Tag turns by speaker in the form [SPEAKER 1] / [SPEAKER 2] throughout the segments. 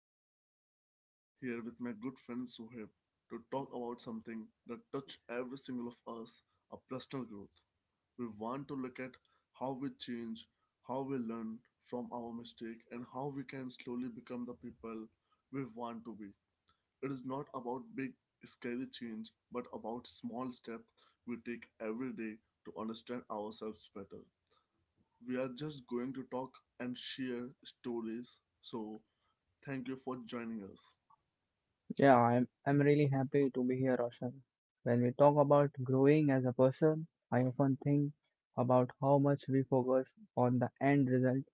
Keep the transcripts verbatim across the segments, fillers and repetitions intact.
[SPEAKER 1] I am sitting with here with my good friend Suhaib to talk about something that touch every single of us, our personal growth. We want to look at how we change, how we learn from our mistake and how we can slowly become the people we want to be. It is not about big scary change but about small steps we take every day to understand ourselves better. We are just going to talk and share stories. So, thank you for joining us.
[SPEAKER 2] Yeah, I'm I'm really happy to be here, Roshan. When we talk about growing as a person, I often think about how much we focus on the end result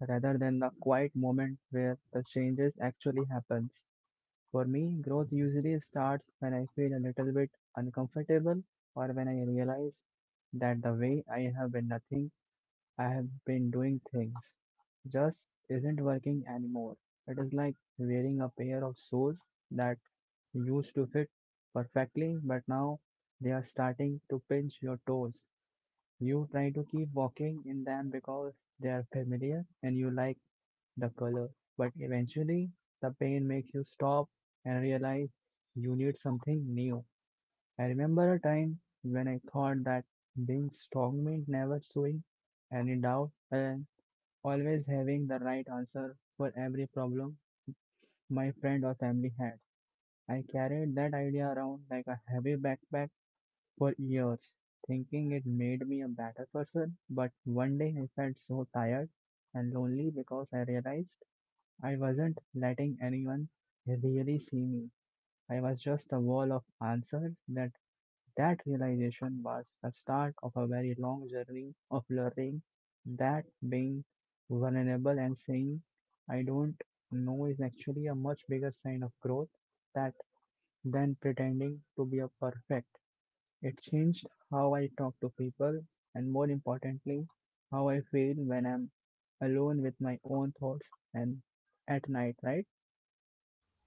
[SPEAKER 2] rather than the quiet moment where the changes actually happens. For me, growth usually starts when I feel a little bit uncomfortable or when I realize that the way I have been nothing I have been doing things just isn't working anymore. It is like wearing a pair of shoes that used to fit perfectly, but now they are starting to pinch your toes. You try to keep walking in them because they are familiar and you like the color, but eventually the pain makes you stop and realize you need something new. I remember a time when I thought that being strong meant never showing any doubt and always having the right answer for every problem my friend or family had. I carried that idea around like a heavy backpack for years, thinking it made me a better person. But one day I felt so tired and lonely because I realized I wasn't letting anyone really see me. I was just a wall of answers. That that realization was the start of a very long journey of learning that being vulnerable and saying, "I don't know," is actually a much bigger sign of growth that than pretending to be a perfect. It changed how I talk to people and, more importantly, how I feel when I'm alone with my own thoughts and at night, right?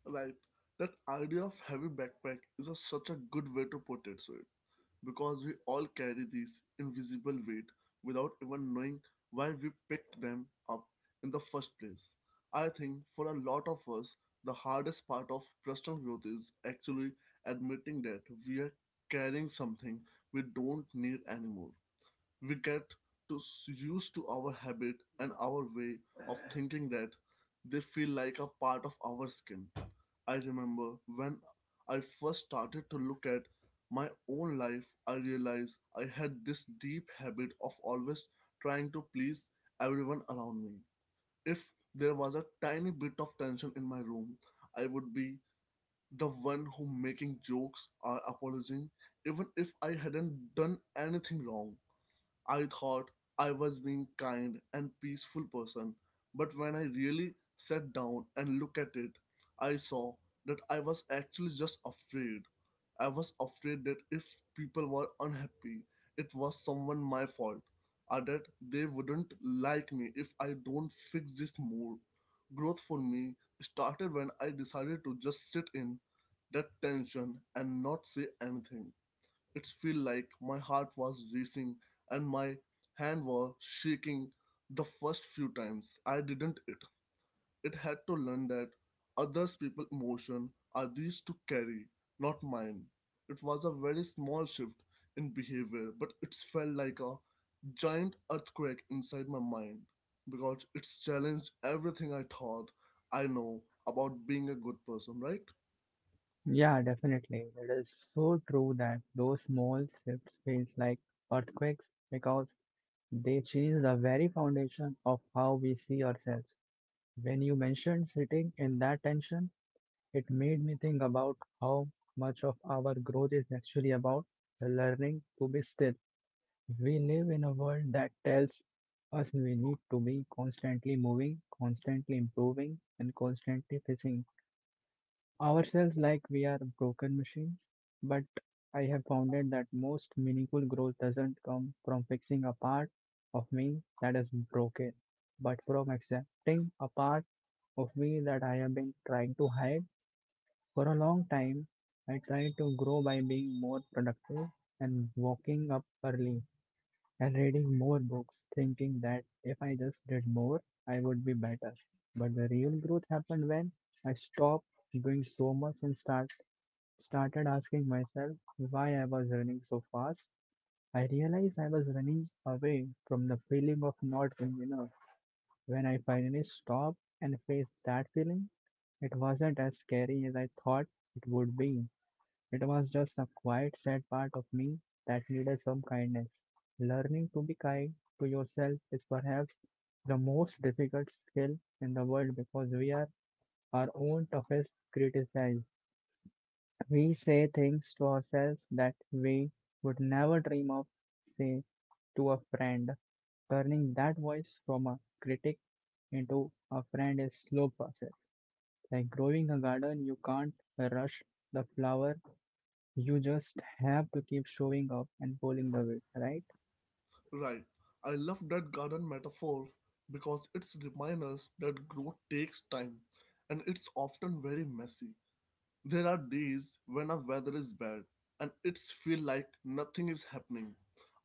[SPEAKER 1] Right, that idea of heavy backpack is a, such a good way to put it, Sudhir, because we all carry these invisible weight without even knowing why we picked them up in the first place. I think for a lot of us, the hardest part of personal growth is actually admitting that we are carrying something we don't need anymore. We get to s- used to our habit and our way of thinking that they feel like a part of our skin. I remember when I first started to look at my own life, I realized I had this deep habit of always trying to please everyone around me. If there was a tiny bit of tension in my room, I would be the one who making jokes or apologizing even if I hadn't done anything wrong. I thought I was being kind and peaceful person, but when I really sat down and looked at it, I saw that I was actually just afraid. I was afraid that if people were unhappy, it was someone my fault, or that they wouldn't like me if I don't fix this mood. Growth for me started when I decided to just sit in that tension and not say anything. It felt like my heart was racing and my hand was shaking the first few times I didn't it. It had to learn that others people's emotion are these to carry, not mine. It was a very small shift in behavior, but it felt like a giant earthquake inside my mind because it's challenged everything I thought I know about being a good person, right?
[SPEAKER 2] Yeah, definitely. It is so true that those small shifts feels like earthquakes because they change the very foundation of how we see ourselves. When you mentioned sitting in that tension, it made me think about how much of our growth is actually about learning to be still. We live in a world that tells us we need to be constantly moving, constantly improving, and constantly facing ourselves like we are broken machines, but I have found it that most meaningful growth doesn't come from fixing a part of me that is broken, but from accepting a part of me that I have been trying to hide for a long time. I try to grow by being more productive and waking up early and reading more books, thinking that if I just did more, I would be better. But the real growth happened when I stopped doing so much and start started asking myself why I was running so fast. I realized I was running away from the feeling of not being enough. When I finally stopped and faced that feeling, it wasn't as scary as I thought it would be. It was just a quiet, sad part of me that needed some kindness. Learning to be kind to yourself is perhaps the most difficult skill in the world because we are our own toughest critics. We say things to ourselves that we would never dream of say to a friend. Turning that voice from a critic into a friend is slow process. Like growing a garden, you can't rush the flower. You just have to keep showing up and pulling the weed, right?
[SPEAKER 1] Right. I love that garden metaphor because it's reminds us that growth takes time and it's often very messy. There are days when our weather is bad and it's feel like nothing is happening,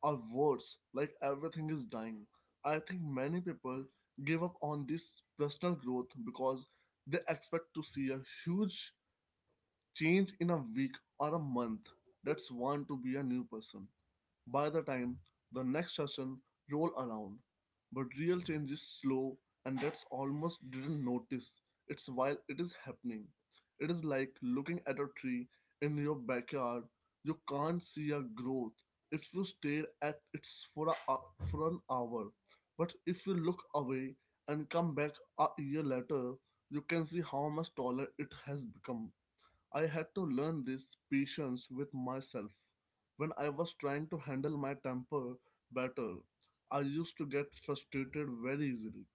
[SPEAKER 1] or worse, like everything is dying. I think many people give up on this personal growth because they expect to see a huge change in a week or a month. That's want to be a new person by the time the next session roll around. But real change is slow and that's almost didn't notice. It's while it is happening. It is like looking at a tree in your backyard. You can't see a growth if you stare at it for, a, hou- for an hour. But if you look away and come back a year later, you can see how much taller it has become. I had to learn this patience with myself. When I was trying to handle my temper better, I used to get frustrated very easily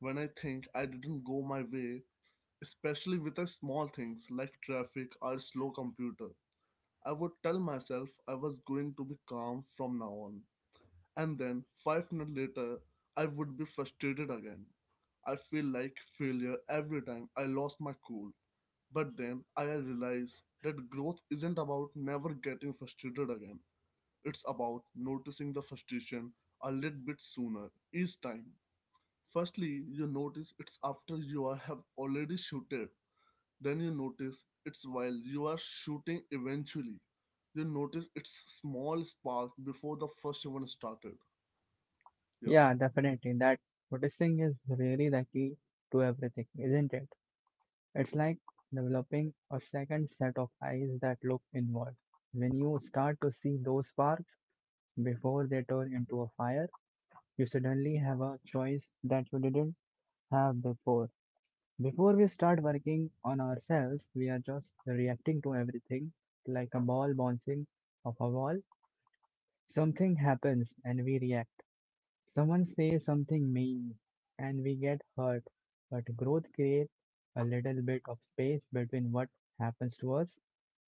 [SPEAKER 1] when I think I didn't go my way, especially with the small things like traffic or slow computer. I would tell myself I was going to be calm from now on, and then five minutes later, I would be frustrated again. I feel like failure every time I lost my cool. But then I realized that growth isn't about never getting frustrated again. It's about noticing the frustration a little bit sooner each time. Firstly, you notice it's after you are, have already shooted. Then you notice it's while you are shooting eventually. You notice it's small spark before the first one started. Yeah,
[SPEAKER 2] Yeah, definitely. That noticing is really the key to everything, isn't it? It's like developing a second set of eyes that look inward. When you start to see those sparks before they turn into a fire, you suddenly have a choice that you didn't have before. Before we start working on ourselves, we are just reacting to everything like a ball bouncing off a wall. Something happens and we react. Someone says something mean and we get hurt. But growth creates a little bit of space between what happens to us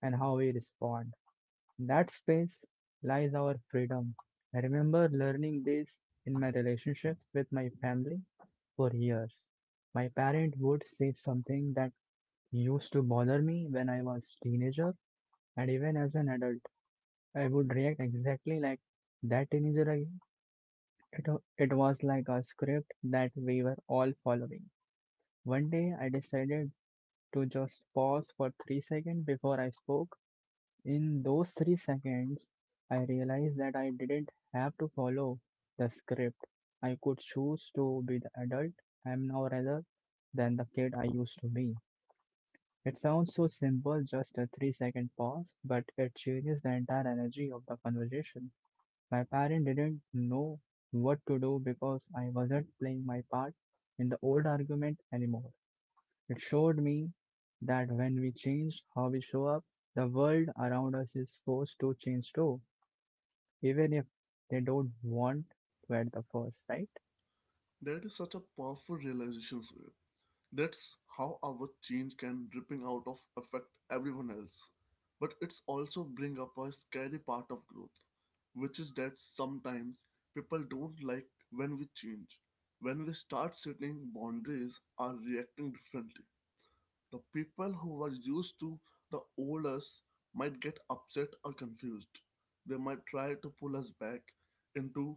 [SPEAKER 2] and how we respond. In that space lies our freedom. I remember learning this in my relationships with my family for years. My parent would say something that used to bother me when I was teenager, and even as an adult I would react exactly like that teenager again. It, it was like a script that we were all following. One day I decided to just pause for three seconds before I spoke. In those three seconds, I realized that I didn't have to follow the script. I could choose to be the adult I am now rather than the kid I used to be. It sounds so simple, just a three second pause, but it changes the entire energy of the conversation. My parent didn't know what to do because I wasn't playing my part in the old argument anymore. It showed me that when we change how we show up, the world around us is forced to change too, even if they don't want to at the first, right?
[SPEAKER 1] that is such a powerful realization. That's how our change can ripping out of affect everyone else. But it's also bring up a scary part of growth, which is that sometimes people don't like when we change. When we start setting boundaries or reacting differently. The people who were used to the old us might get upset or confused. They might try to pull us back into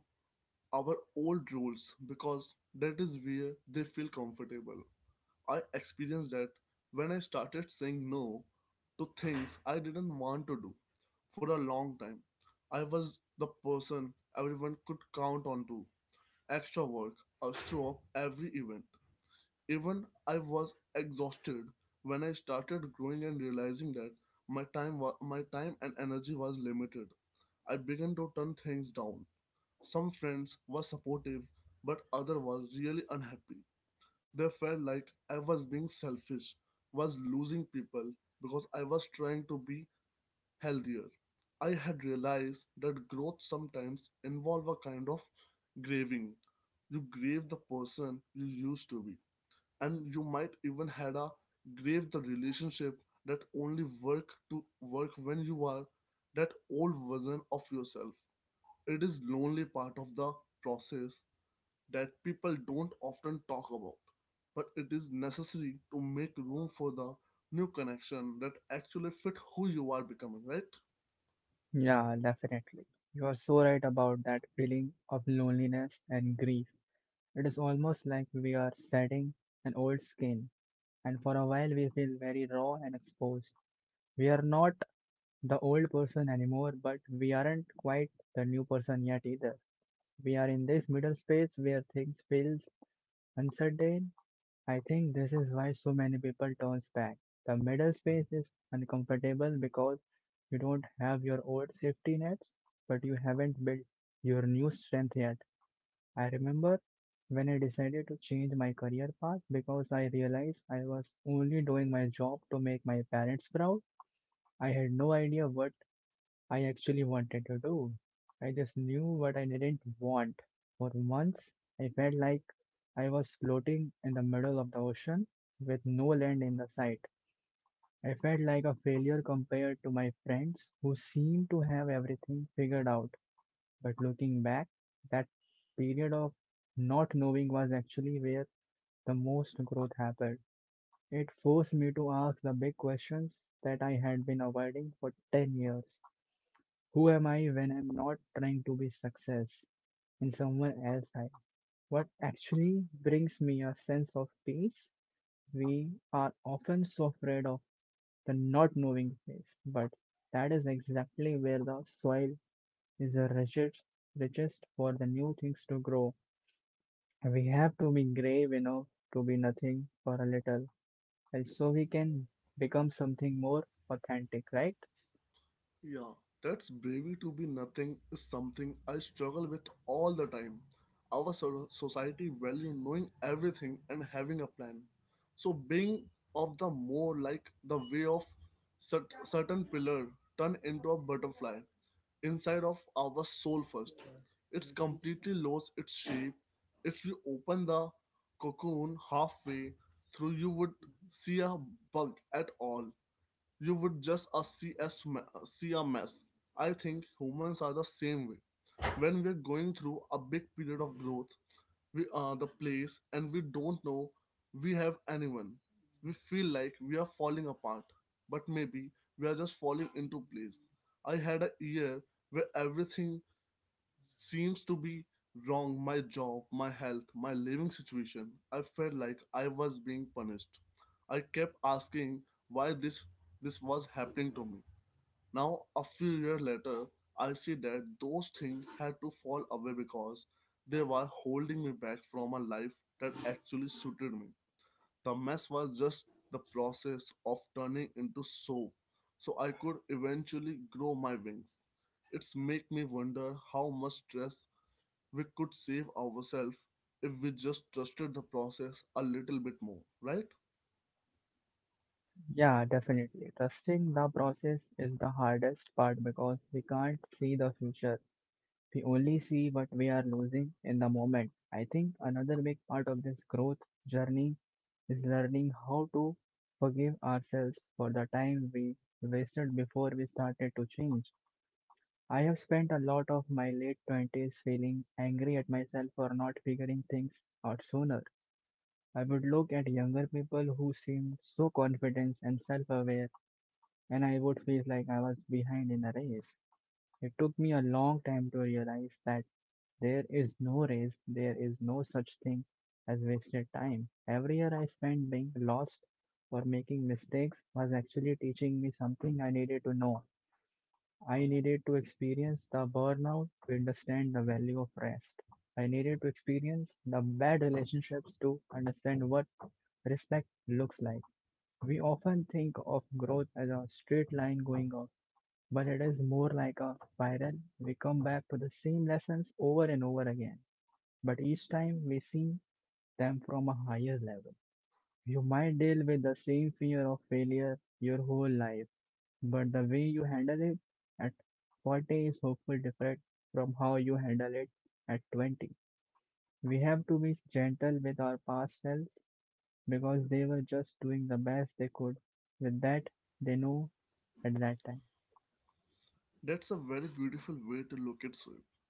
[SPEAKER 1] our old rules because that is where they feel comfortable. I experienced that when I started saying no to things I didn't want to do for a long time. I was the person everyone could count on to. Extra work, a show up every event. Even I was exhausted when I started growing and realizing that my time wa- my time and energy was limited. I began to turn things down. Some friends were supportive, but other was really unhappy. They felt like I was being selfish, was losing people because I was trying to be healthier. I had realized that growth sometimes involves a kind of grieving. You grieve the person you used to be, and you might even had a grieve the relationship that only work to work when you are that old version of yourself. It is lonely part of the process that people don't often talk about, but it is necessary to make room for the new connection that actually fit who you are becoming, right?
[SPEAKER 2] Yeah, definitely. You are so right about that feeling of loneliness and grief. It is almost like we are shedding an old skin, and for a while we feel very raw and exposed. We are not the old person anymore, but we aren't quite the new person yet either. We are in this middle space where things feel uncertain. I think this is why so many people turns back. The middle space is uncomfortable because you don't have your old safety nets, but you haven't built your new strength yet. I remember when I decided to change my career path because I realized I was only doing my job to make my parents proud. I had no idea what I actually wanted to do. I just knew what I didn't want. For months, I felt like I was floating in the middle of the ocean with no land in the sight. I felt like a failure compared to my friends who seemed to have everything figured out. But looking back, that period of not knowing was actually where the most growth happened. It forced me to ask the big questions that I had been avoiding for ten years. Who am I when I'm not trying to be success in someone else's life? What actually brings me a sense of peace? We are often so afraid of the not knowing place, but that is exactly where the soil is the richest, richest, for the new things to grow. We have to be brave enough to be nothing for a little, and so we can become something more authentic, right?
[SPEAKER 1] Yeah, that's bravery to be nothing is something I struggle with all the time. Our so- society value knowing everything and having a plan. So being of the more like the way of cert- certain pillar turn into a butterfly inside of our soul first. It's completely lost its shape. If you open the cocoon halfway through, you would see a bug at all. You would just uh, see, as ma- see a mess. I think humans are the same way. When we're going through a big period of growth, we are the place and we don't know we have anyone. We feel like we are falling apart, but maybe we are just falling into place. I had a year where everything seems to be wrong: my job, my health, my living situation. I felt like I was being punished. I kept asking why this this was happening to me. Now a few years later, I see that those things had to fall away because they were holding me back from a life that actually suited me. The mess was just the process of turning into soap so I could eventually grow my wings. It's make me wonder how much stress we could save ourselves if we just trusted the process a little bit more, right?
[SPEAKER 2] Yeah, definitely. Trusting the process is the hardest part because we can't see the future. We only see what we are losing in the moment. I think another big part of this growth journey is learning how to forgive ourselves for the time we wasted before we started to change. I have spent a lot of my late twenties feeling angry at myself for not figuring things out sooner. I would look at younger people who seemed so confident and self aware, and I would feel like I was behind in the race. It took me a long time to realize that there is no race, there is no such thing as wasted time. Every year I spent being lost or making mistakes was actually teaching me something I needed to know. I needed to experience the burnout to understand the value of rest. I needed to experience the bad relationships to understand what respect looks like. We often think of growth as a straight line going up, but it is more like a spiral. We come back to the same lessons over and over again, but each time we see them from a higher level. You might deal with the same fear of failure your whole life, but the way you handle it at forty is hopefully different from how you handle it at twenty. We have to be gentle with our past selves because they were just doing the best they could with that they know at that time.
[SPEAKER 1] That's a very beautiful way to look at it.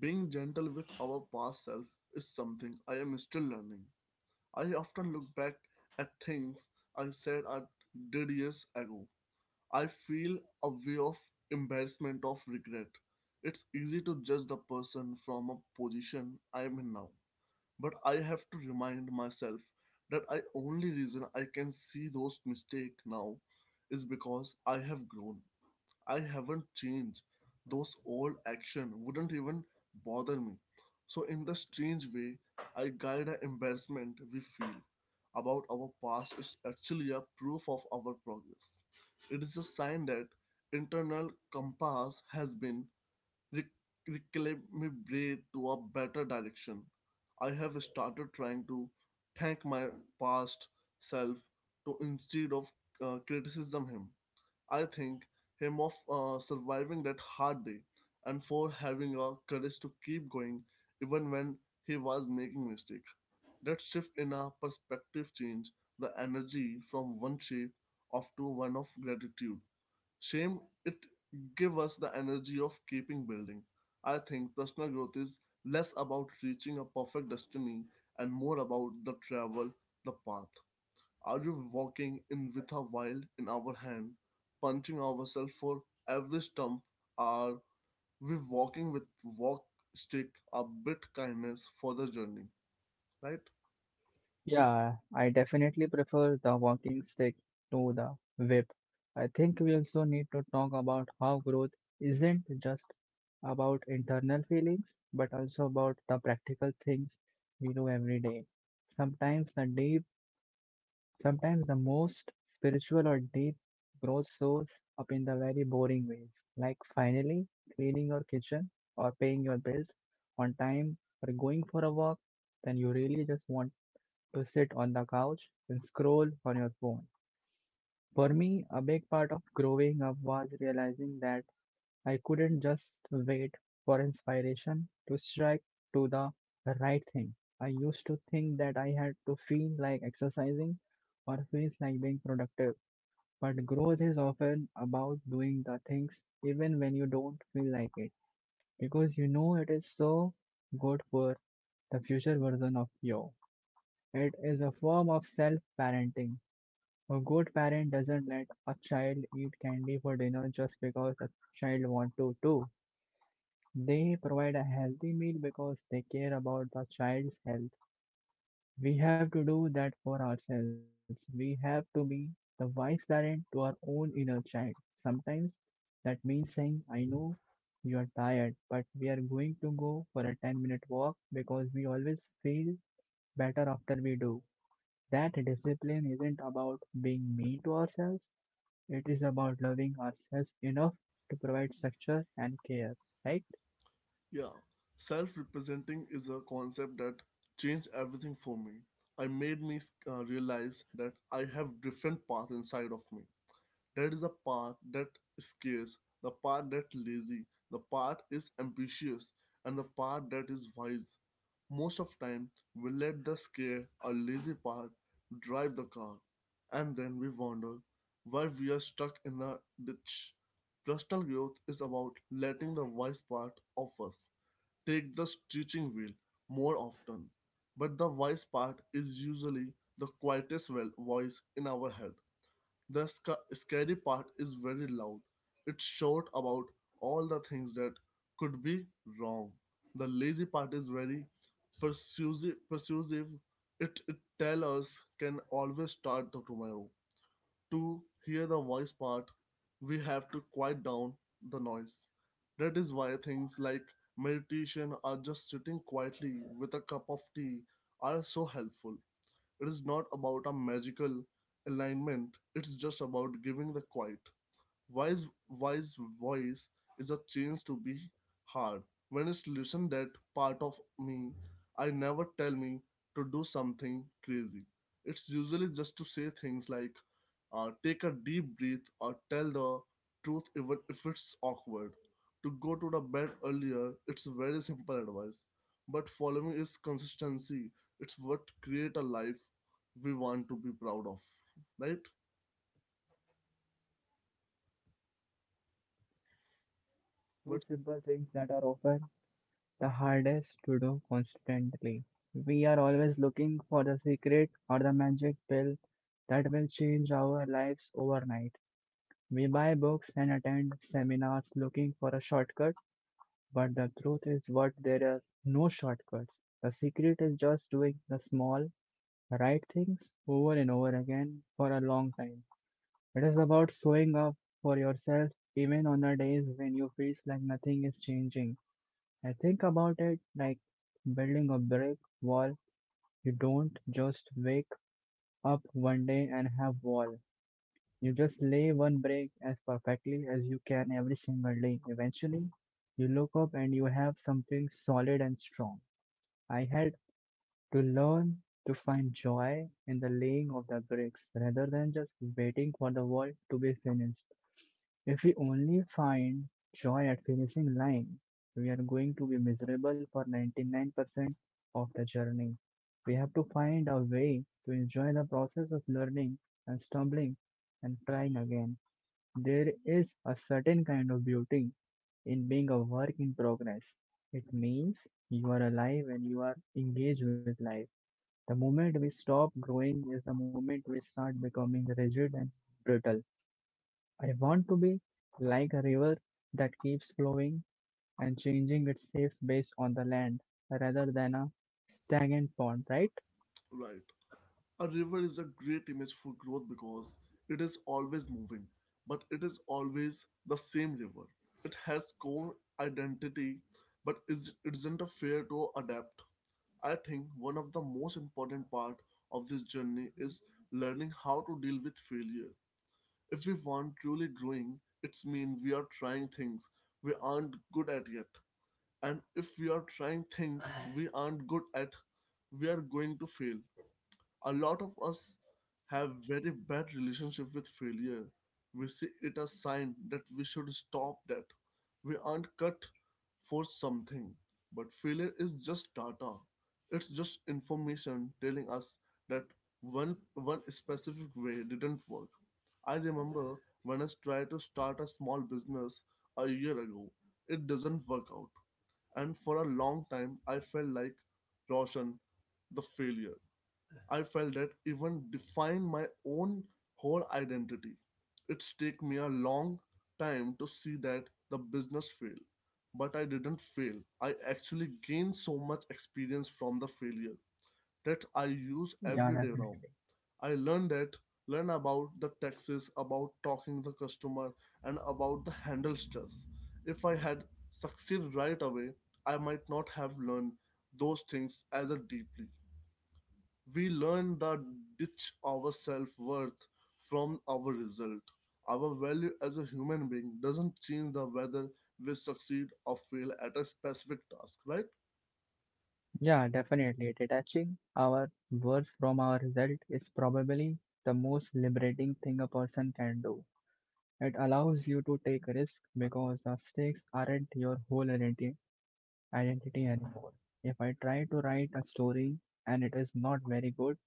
[SPEAKER 1] Being gentle with our past self is something I am still learning. I often look back at things I said I did years ago. I feel a way of embarrassment of regret. It's easy to judge the person from a position I am in now, but I have to remind myself that I only reason I can see those mistakes now is because I have grown. I haven't changed. Those old action wouldn't even bother me. So in the strange way, I guide the embarrassment we feel about our past is actually a proof of our progress. It is a sign that internal compass has been re- recalibrated to a better direction. I have started trying to thank my past self to instead of uh, criticism him. I think him of uh, surviving that hard day and for having a courage to keep going even when he was making mistake. That shift in our perspective changed the energy from one shape of to one of gratitude. Shame it give us the energy of keeping building. I think personal growth is less about reaching a perfect destiny and more about the travel, the path. Are you walking in with a wild in our hand, punching ourselves for every stump? Are we walking with walk stick a bit kindness for the journey? Right?
[SPEAKER 2] Yeah, I definitely prefer the walking stick to the whip. I think we also need to talk about how growth isn't just about internal feelings, but also about the practical things we do every day. Sometimes the deep, Sometimes the most spiritual or deep growth shows up in the very boring ways, like finally cleaning your kitchen or paying your bills on time or going for a walk. Then you really just want to sit on the couch and scroll on your phone. For me, a big part of growing up was realizing that I couldn't just wait for inspiration to strike to the right thing. I used to think that I had to feel like exercising or feels like being productive. But growth is often about doing the things even when you don't feel like it because you know it is so good for the future version of you. It is a form of self parenting. A good parent doesn't let a child eat candy for dinner just because a child wants to too. They provide a healthy meal because they care about the child's health. We have to do that for ourselves. We have to be the wise parent to our own inner child. Sometimes that means saying, I know you are tired, but we are going to go for a 10 minute walk because we always feel better after we do. That discipline isn't about being mean to ourselves, it is about loving ourselves enough to provide structure and care, right?
[SPEAKER 1] Yeah. Self representing is a concept that changed everything for me. I made me uh, realize that I have different paths inside of me. That is the part that scares, the part that lazy, the part is ambitious, and the part that is wise. Most of time, we let the scare or lazy part drive the car, and then we wonder why we are stuck in the ditch. Personal growth is about letting the wise part of us take the steering wheel more often, but the wise part is usually the quietest well- voice in our head. The sc- scary part is very loud. It's short about all the things that could be wrong. The lazy part is very persuasive. persuasive. It, it tells us can always start tomorrow. To hear the voice part, we have to quiet down the noise. That is why things like meditation or just sitting quietly with a cup of tea are so helpful. It is not about a magical alignment, it's just about giving the quiet. Wise, wise voice is a change to be hard. When it's listened that part of me, I never tell me to do something crazy. It's usually just to say things like, uh, take a deep breath or tell the truth even if it's awkward. To go to the bed earlier, it's very simple advice. But following is consistency. It's what create a life we want to be proud of. Right?
[SPEAKER 2] Two
[SPEAKER 1] What's
[SPEAKER 2] simple things that are often the hardest to do constantly. We are always looking for the secret or the magic pill that will change our lives overnight. We buy books and attend seminars looking for a shortcut, but the truth is what there are no shortcuts. The secret is just doing the small right things over and over again for a long time. It is about showing up for yourself even on the days when you feel like nothing is changing. I think about it like building a brick wall. You don't just wake up one day and have wall. You just lay one brick as perfectly as you can every single day. Eventually, you look up and you have something solid and strong. I had to learn to find joy in the laying of the bricks rather than just waiting for the world to be finished. If we only find joy at finishing line, we are going to be miserable for ninety-nine percent of the journey. We have to find a way to enjoy the process of learning and stumbling and trying again. There is a certain kind of beauty in being a work in progress. It means you are alive and you are engaged with life. The moment we stop growing is the moment we start becoming rigid and brittle. I want to be like a river that keeps flowing and changing its safe based on the land rather than a stagnant pond, right?
[SPEAKER 1] right? A river is a great image for growth because it is always moving, but it is always the same river. It has core identity, but is, it isn't a fair to adapt. I think one of the most important part of this journey is learning how to deal with failure. If we want truly growing, it's mean we are trying things we aren't good at yet. And if we are trying things we aren't good at, we are going to fail. A lot of us have very bad relationship with failure. We see it as sign that we should stop that. We aren't cut for something. But failure is just data. It's just information telling us that one one specific way didn't work. I remember when I tried to start a small business a year ago, it doesn't work out. And for a long time, I felt like Roshan, the failure. I felt that even define my own whole identity. It's take me a long time to see that the business fail, but I didn't fail. I actually gained so much experience from the failure that I use
[SPEAKER 2] Yeah,
[SPEAKER 1] every day now.
[SPEAKER 2] definitely.
[SPEAKER 1] I learned that learn about the taxes, about talking the customer, and about the handle stress. If I had succeeded right away, I might not have learned those things as a deeply. We learn that ditch our self worth from our result. Our value as a human being doesn't change the whether we succeed or fail at a specific task, right?
[SPEAKER 2] Yeah, definitely. Detaching our words from our result is probably the most liberating thing a person can do. It allows you to take risks because the stakes aren't your whole identity identity anymore. If I try to write a story and it is not very good,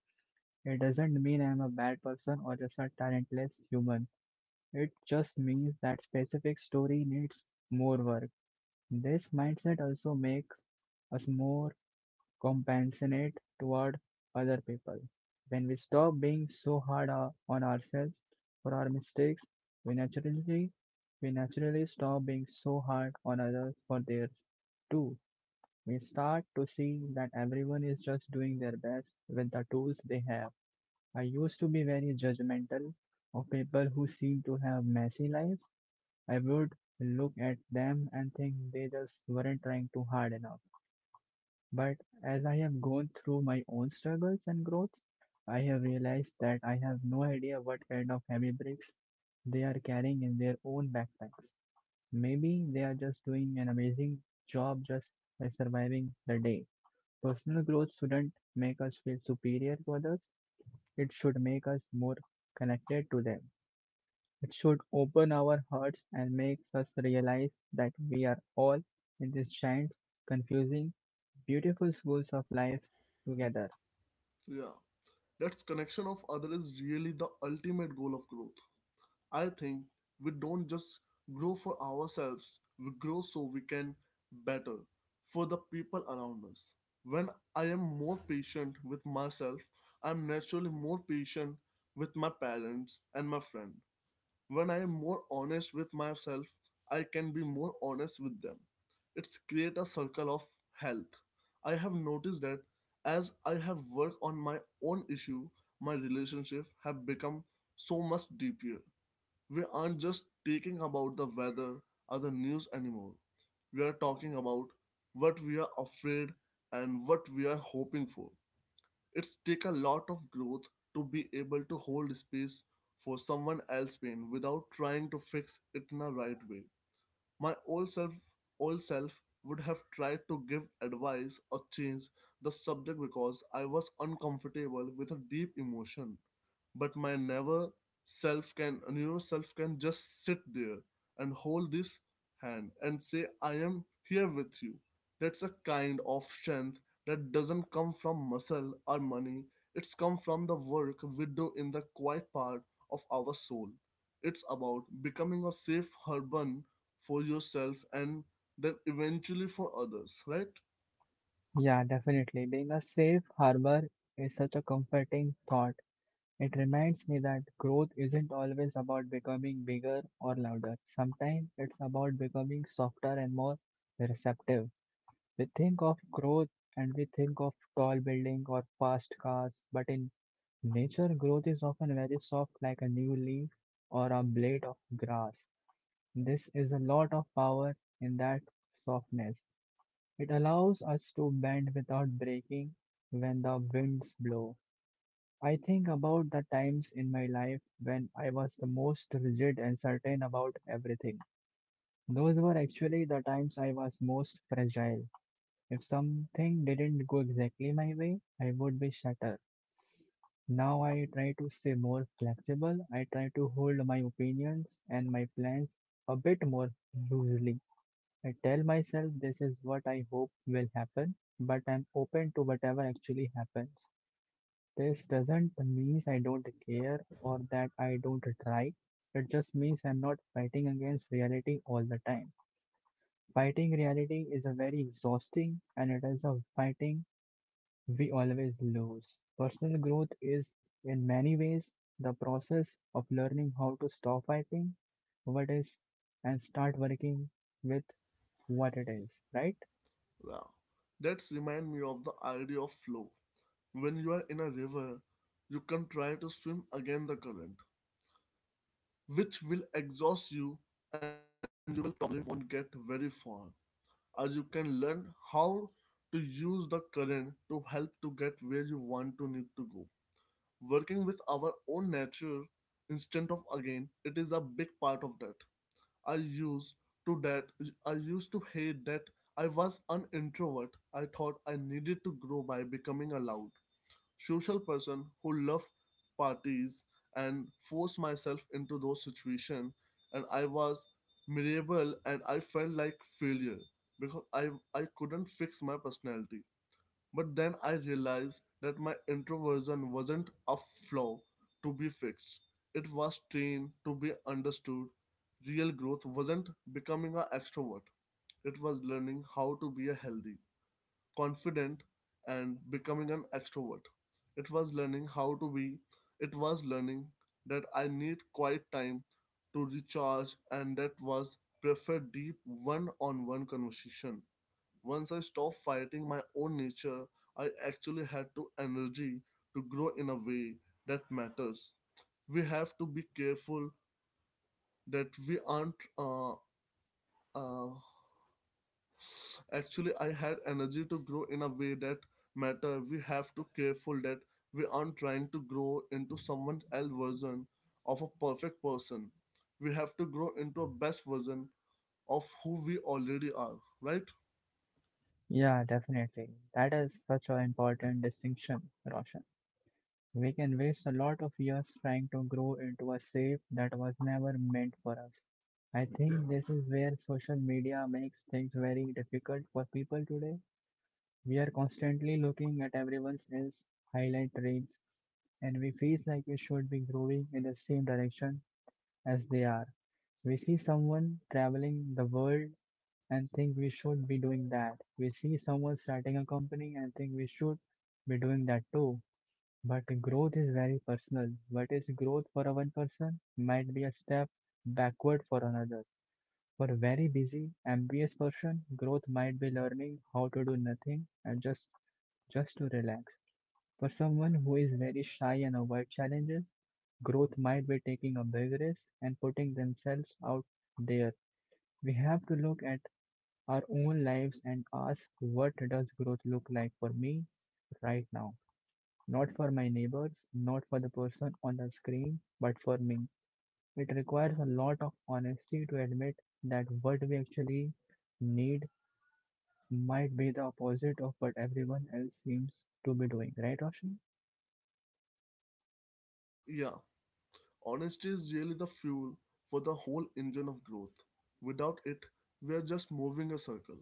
[SPEAKER 2] it doesn't mean I'm a bad person or just a talentless human. It just means that specific story needs more work. This mindset also makes us more compassionate toward other people. When we stop being so hard uh, on ourselves for our mistakes, we naturally we naturally stop being so hard on others for theirs too. We start to see that everyone is just doing their best with the tools they have. I used to be very judgmental of people who seem to have messy lives. I would look at them and think they just weren't trying too hard enough. But as I have gone through my own struggles and growth, I have realized that I have no idea what kind of heavy bricks they are carrying in their own backpacks. Maybe they are just doing an amazing job just by surviving the day. Personal growth shouldn't make us feel superior to others, it should make us more connected to them. It should open our hearts and makes us realize that we are all in this giant, confusing, beautiful schools of life together.
[SPEAKER 1] Yeah. That's connection of other is really the ultimate goal of growth. I think we don't just grow for ourselves, we grow so we can better for the people around us. When I am more patient with myself, I am naturally more patient with my parents and my friend. When I am more honest with myself, I can be more honest with them. It's create a circle of health. I have noticed that as I have worked on my own issue, my relationship have become so much deeper. We aren't just talking about the weather or the news anymore. We are talking about what we are afraid and what we are hoping for. It's take a lot of growth to be able to hold space for someone else's pain without trying to fix it in a right way. My old self, old self would have tried to give advice or change the subject because I was uncomfortable with a deep emotion. But my never self can, newer self can just sit there and hold this hand and say, "I am here with you." That's a kind of strength that doesn't come from muscle or money. It's come from the work we do in the quiet part of our soul. It's about becoming a safe urban for yourself and then eventually for others, right?
[SPEAKER 2] Yeah, definitely. Being a safe harbor is such a comforting thought. It reminds me that growth isn't always about becoming bigger or louder. Sometimes it's about becoming softer and more receptive. We think of growth and we think of tall building or fast cars, but in nature, growth is often very soft, like a new leaf or a blade of grass. This is a lot of power in that softness. It allows us to bend without breaking when the winds blow. I think about the times in my life when I was the most rigid and certain about everything. Those were actually the times I was most fragile. If something didn't go exactly my way, I would be shattered. Now I try to stay more flexible. I try to hold my opinions and my plans a bit more loosely. I tell myself this is what I hope will happen, but I'm open to whatever actually happens. This doesn't mean I don't care or that I don't try. It just means I'm not fighting against reality all the time. Fighting reality is a very exhausting and it is a fighting we always lose. Personal growth is, in many ways, the process of learning how to stop fighting what is and start working with what it is, right?
[SPEAKER 1] Yeah, that's remind me of the idea of flow. When you are in a river, you can try to swim against the current, which will exhaust you and you will probably won't get very far, or you can learn how to use the current to help to get where you want to need to go. Working with our own nature instead of again it is a big part of that. I used to that I used to hate that I was an introvert. I thought I needed to grow by becoming a loud, social person who loved parties and forced myself into those situations and I was miserable and I felt like failure because I I couldn't fix my personality. But then I realized that my introversion wasn't a flaw to be fixed. It was trained to be understood. Real growth wasn't becoming an extrovert. It was learning how to be a healthy, confident, and becoming an extrovert. It was learning how to be. It was learning that I need quiet time to recharge, and that was prefer deep one-on-one conversation once I stopped fighting my own nature, I actually had to energy to grow in a way that matters. We have to be careful that we aren't. Uh, uh, actually, I had energy to grow in a way that matter. We have to careful that we aren't trying to grow into someone else version of a perfect person. We have to grow into a best version of who we already are. Right?
[SPEAKER 2] Yeah, definitely. That is such an important distinction, Roshan. We can waste a lot of years trying to grow into a shape that was never meant for us. I think this is where social media makes things very difficult for people today. We are constantly looking at everyone else's highlight reels and we feel like we should be growing in the same direction as they are. We see someone traveling the world and think we should be doing that. We see someone starting a company and think we should be doing that too. But growth is very personal. What is growth for a one person might be a step backward for another. For a very busy, ambitious person, growth might be learning how to do nothing and just just to relax. For someone who is very shy and avoid challenges, growth might be taking a big risk and putting themselves out there. We have to look at our own lives and ask what does growth look like for me right now? Not for my neighbors, not for the person on the screen, but for me. It requires a lot of honesty to admit that what we actually need might be the opposite of what everyone else seems to be doing, right, Roshan?
[SPEAKER 1] Yeah. Honesty is really the fuel for the whole engine of growth. Without it, we are just moving a circle.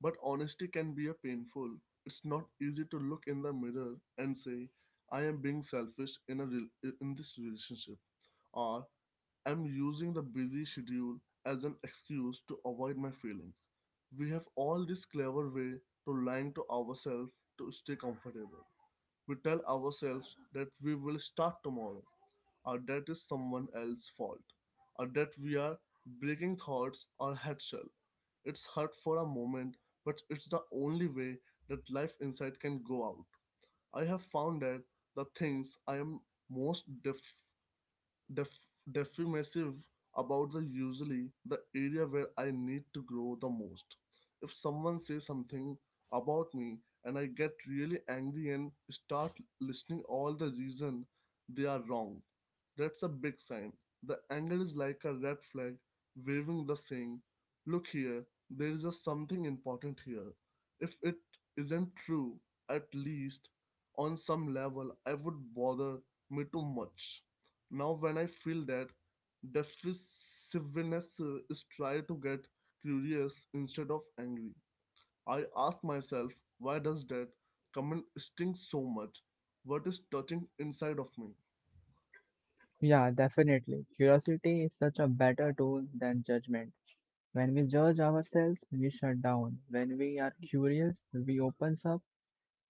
[SPEAKER 1] But honesty can be a painful. It's not easy to look in the mirror and say, I am being selfish in, a rel- in this relationship, or I'm using the busy schedule as an excuse to avoid my feelings. We have all this clever way to lying to ourselves to stay comfortable. We tell ourselves that we will start tomorrow or that is someone else's fault, or that we are breaking thoughts or headshell. It's hurt for a moment, but it's the only way that life inside can go out. I have found that the things I am most def- def- definitive about the usually the area where I need to grow the most. If someone says something about me and I get really angry and start listening all the reason they are wrong, that's a big sign. The anger is like a red flag waving the saying, look here, there is a something important here. If it isn't true, at least on some level I would bother me too much. Now, when I feel that defensiveness uh, is try to get curious instead of angry, I ask myself, why does that comment sting so much? What is touching inside of me?
[SPEAKER 2] Yeah, definitely. Curiosity is such a better tool than judgment. When we judge ourselves, we shut down. When we are curious, we opens up.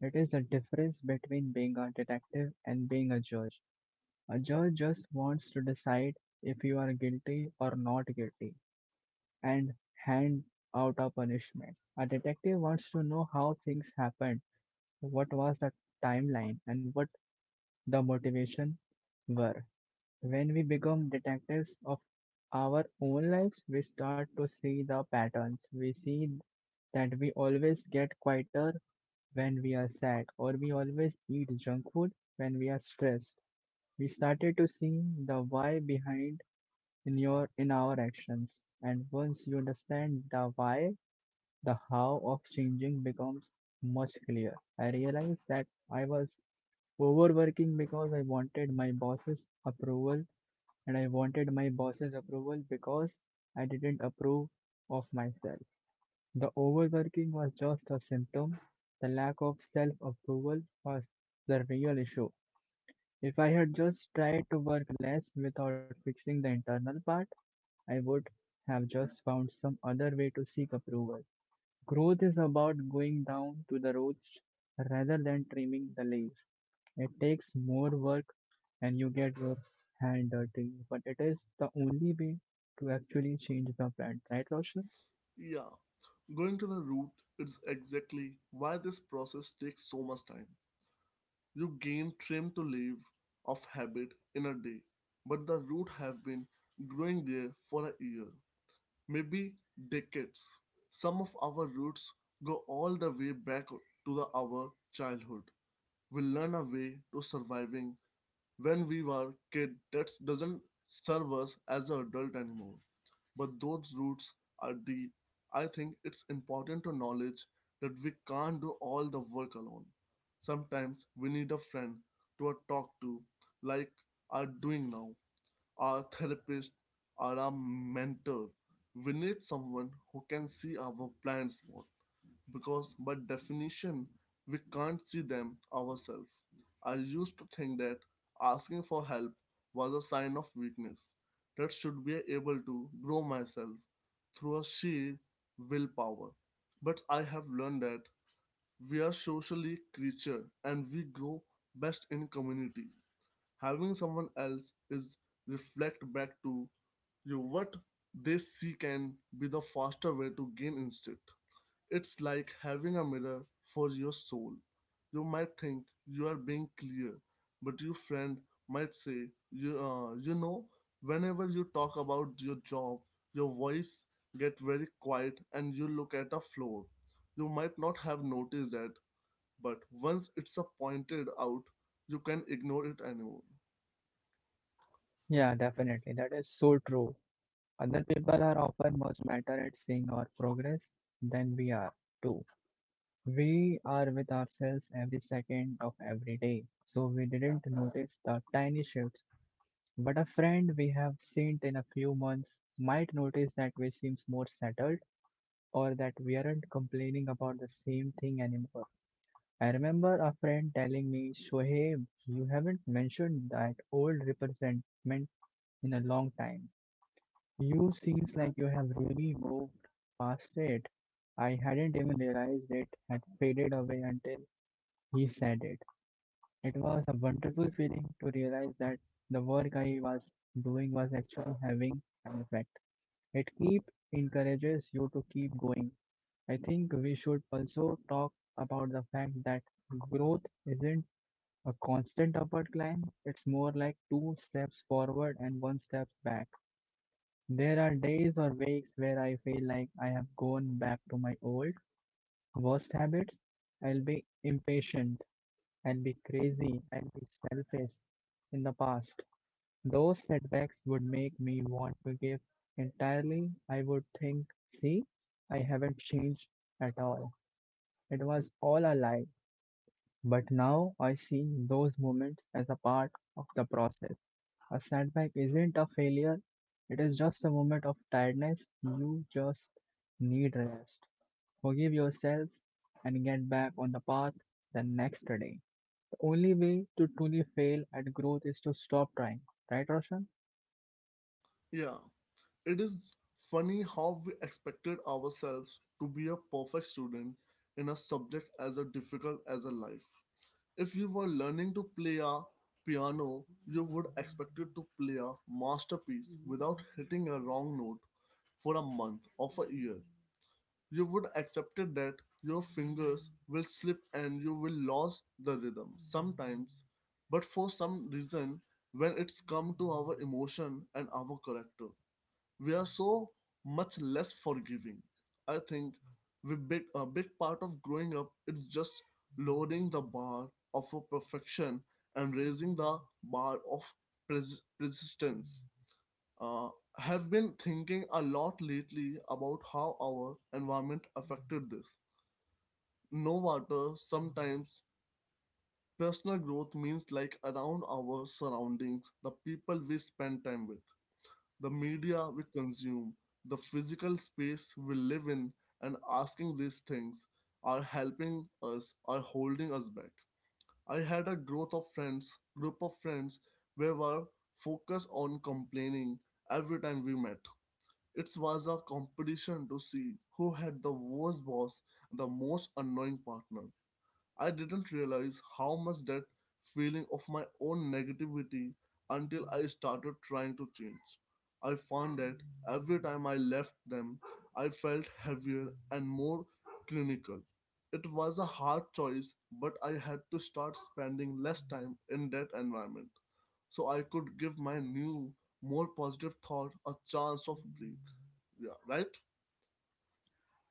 [SPEAKER 2] It is the difference between being a detective and being a judge. A judge just wants to decide if you are guilty or not guilty and hand out a punishment. A detective wants to know how things happened, what was the timeline, and what the motivation were. When we become detectives of our own lives, we start to see the patterns. We see that we always get quieter when we are sad, or we always eat junk food when we are stressed. We started to see the why behind in your in our actions. And once you understand the why, the how of changing becomes much clearer. I realized that I was overworking because I wanted my boss's approval and I wanted my boss's approval because I didn't approve of myself. The overworking was just a symptom, the lack of self approval was the real issue. If I had just tried to work less without fixing the internal part, I would have just found some other way to seek approval. Growth is about going down to the roots rather than trimming the leaves. It takes more work and you get your hand dirty. But it is the only way to actually change the brand, right, Roshan?
[SPEAKER 1] Yeah, going to the root is exactly why this process takes so much time. You gain trim to live of habit in a day, but the root have been growing there for a year, maybe decades. Some of our roots go all the way back to the, our childhood. We learn a way to surviving when we were kid that doesn't serve us as an adult anymore. But those roots are deep. I think it's important to knowledge that we can't do all the work alone. Sometimes we need a friend to talk to, like are doing now, our therapist, or our mentor. We need someone who can see our blind spot because, by definition, we can't see them ourselves. I used to think that asking for help was a sign of weakness that should be able to grow myself through a sheer willpower. But I have learned that we are socially creature and we grow best in community. Having someone else is reflect back to you what they see can be the faster way to gain instinct. It's like having a mirror for your soul. You might think you are being clear, but your friend might say, you, uh, you know, whenever you talk about your job, your voice get very quiet and you look at a floor. You might not have noticed that, but once it's uh, pointed out, you can ignore it anymore.
[SPEAKER 2] Yeah, definitely. That is so true. Other people are often much better at seeing our progress than we are, too. We are with ourselves every second of every day, so we didn't notice the tiny shifts. But a friend we have seen in a few months might notice that we seems more settled or that we aren't complaining about the same thing anymore. I remember a friend telling me, Shoaib, you haven't mentioned that old resentment in a long time. You seems like you have really moved past it. I hadn't even realized it had faded away until he said it. It was a wonderful feeling to realize that the work I was doing was actually having an effect. It keep encourages you to keep going. I think we should also talk about the fact that growth isn't a constant upward climb. It's more like two steps forward and one step back. There are days or weeks where I feel like I have gone back to my old, worst habits. I'll be impatient, I'll be crazy, I'll be selfish in the past. Those setbacks would make me want to give entirely. I would think, see, I haven't changed at all. It was all a lie. But now I see those moments as a part of the process. A setback isn't a failure, it is just a moment of tiredness. You just need rest. Forgive yourselves and get back on the path the next day. The only way to truly fail at growth is to stop trying, right, Roshan?
[SPEAKER 1] Yeah, it is funny how we expected ourselves to be a perfect student in a subject as difficult as a life. If you were learning to play a piano, you would expected to play a masterpiece without hitting a wrong note for a month or for a year. You would accepted that your fingers will slip and you will lose the rhythm sometimes, but for some reason, when it's come to our emotion and our character, we are so much less forgiving. I think we big a big part of growing up is just lowering the bar of a perfection and raising the bar of pres- persistence. Uh, have been thinking a lot lately about how our environment affected this. No water, sometimes personal growth means like around our surroundings, the people we spend time with, the media we consume, the physical space we live in, and asking these things are helping us or holding us back. I had a growth of friends, group of friends, where were focused on complaining every time we met. It was a competition to see who had the worst boss, the most annoying partner, I didn't realize how much that feeling of my own negativity until I started trying to change. I found that every time I left them, I felt heavier and more clinical. It was a hard choice, but I had to start spending less time in that environment so I could give my new, more positive thought a chance of breathe. Yeah, right?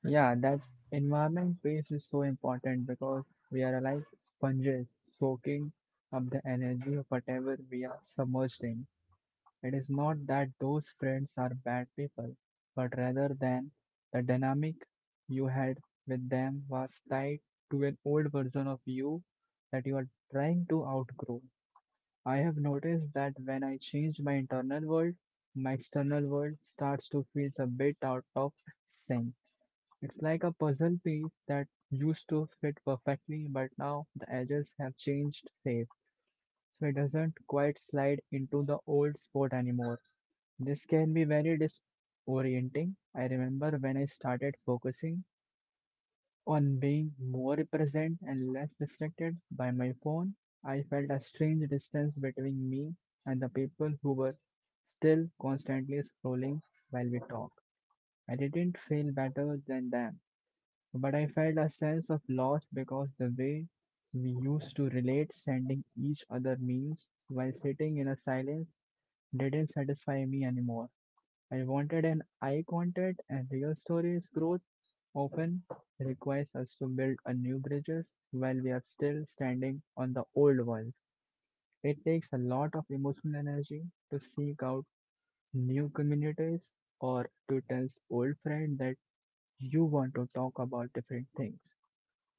[SPEAKER 2] Yeah, that environment piece is so important because we are like sponges soaking up the energy of whatever we are submerged in. It is not that those friends are bad people, but rather than the dynamic you had with them was tied to an old version of you that you are trying to outgrow. I have noticed that when I change my internal world, my external world starts to feel a bit out of sync. It's like a puzzle piece that used to fit perfectly, but now the edges have changed shape, so it doesn't quite slide into the old spot anymore. This can be very disorienting. I remember when I started focusing on being more present and less distracted by my phone, I felt a strange distance between me and the people who were still constantly scrolling while we talked. I didn't feel better than them, but I felt a sense of loss because the way we used to relate, sending each other memes while sitting in a silence, didn't satisfy me anymore. I wanted an eye contact and real stories growth often requires us to build a new bridges while we are still standing on the old ones. It takes a lot of emotional energy to seek out new communities or to tell old friend that you want to talk about different things.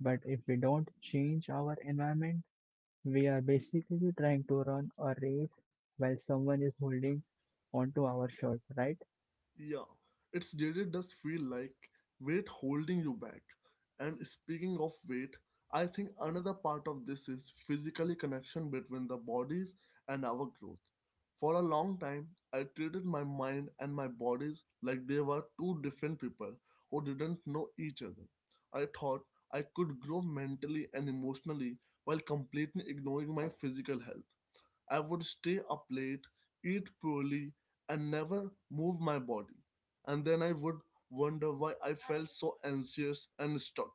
[SPEAKER 2] But if we don't change our environment, we are basically trying to run a race while someone is holding onto our shirt, right?
[SPEAKER 1] Yeah, it's really does feel like weight holding you back. And speaking of weight, I think another part of this is physically connection between the bodies and our growth. For a long time, I treated my mind and my bodies like they were two different people who didn't know each other. I thought I could grow mentally and emotionally while completely ignoring my physical health. I would stay up late, eat poorly, and never move my body. And then I would wonder why I felt so anxious and stuck.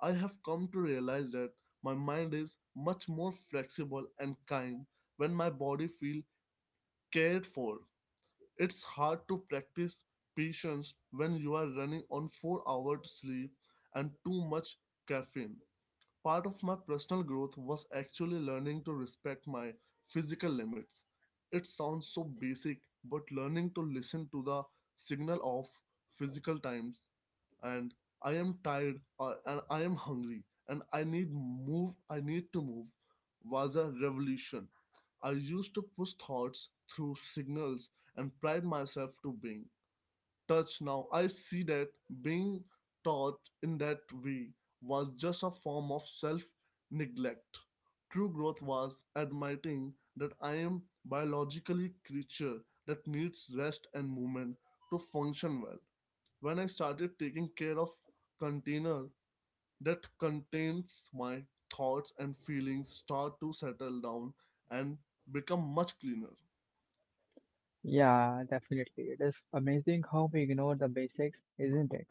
[SPEAKER 1] I have come to realize that my mind is much more flexible and kind when my body feels cared for. It's hard to practice patience when you are running on four hours sleep and too much caffeine. Part of my personal growth was actually learning to respect my physical limits. It sounds so basic, but learning to listen to the signal of physical times and I am tired or, and I am hungry and I need move I need to move was a revolution. I used to push thoughts through signals and pride myself to being touch now. I see that being taught in that way was just a form of self neglect. True growth was admitting that I am biologically a creature that needs rest and movement to function well. When I started taking care of container that contains my thoughts and feelings start to settle down and become much cleaner.
[SPEAKER 2] Yeah, definitely. It is amazing how we ignore the basics, isn't it?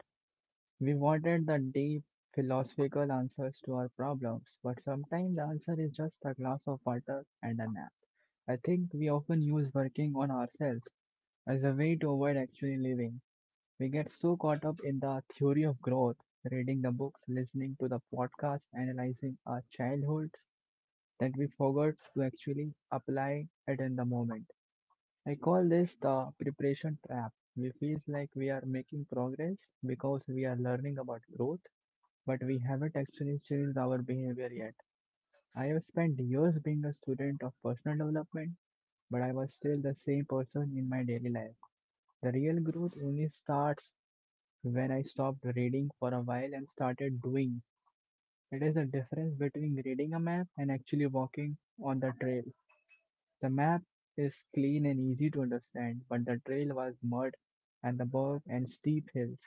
[SPEAKER 2] We wanted the deep philosophical answers to our problems, but sometimes the answer is just a glass of water and a nap. I think we often use working on ourselves as a way to avoid actually living. We get so caught up in the theory of growth, reading the books, listening to the podcasts, analyzing our childhoods, that we forgot to actually apply it in the moment. I call this the preparation trap. We feel like we are making progress because we are learning about growth, but we haven't actually changed our behavior yet. I have spent years being a student of personal development, but I was still the same person in my daily life. The real growth only starts when I stopped reading for a while and started doing. It is the difference between reading a map and actually walking on the trail. The map is clean and easy to understand, but the trail was mud and the bog and steep hills.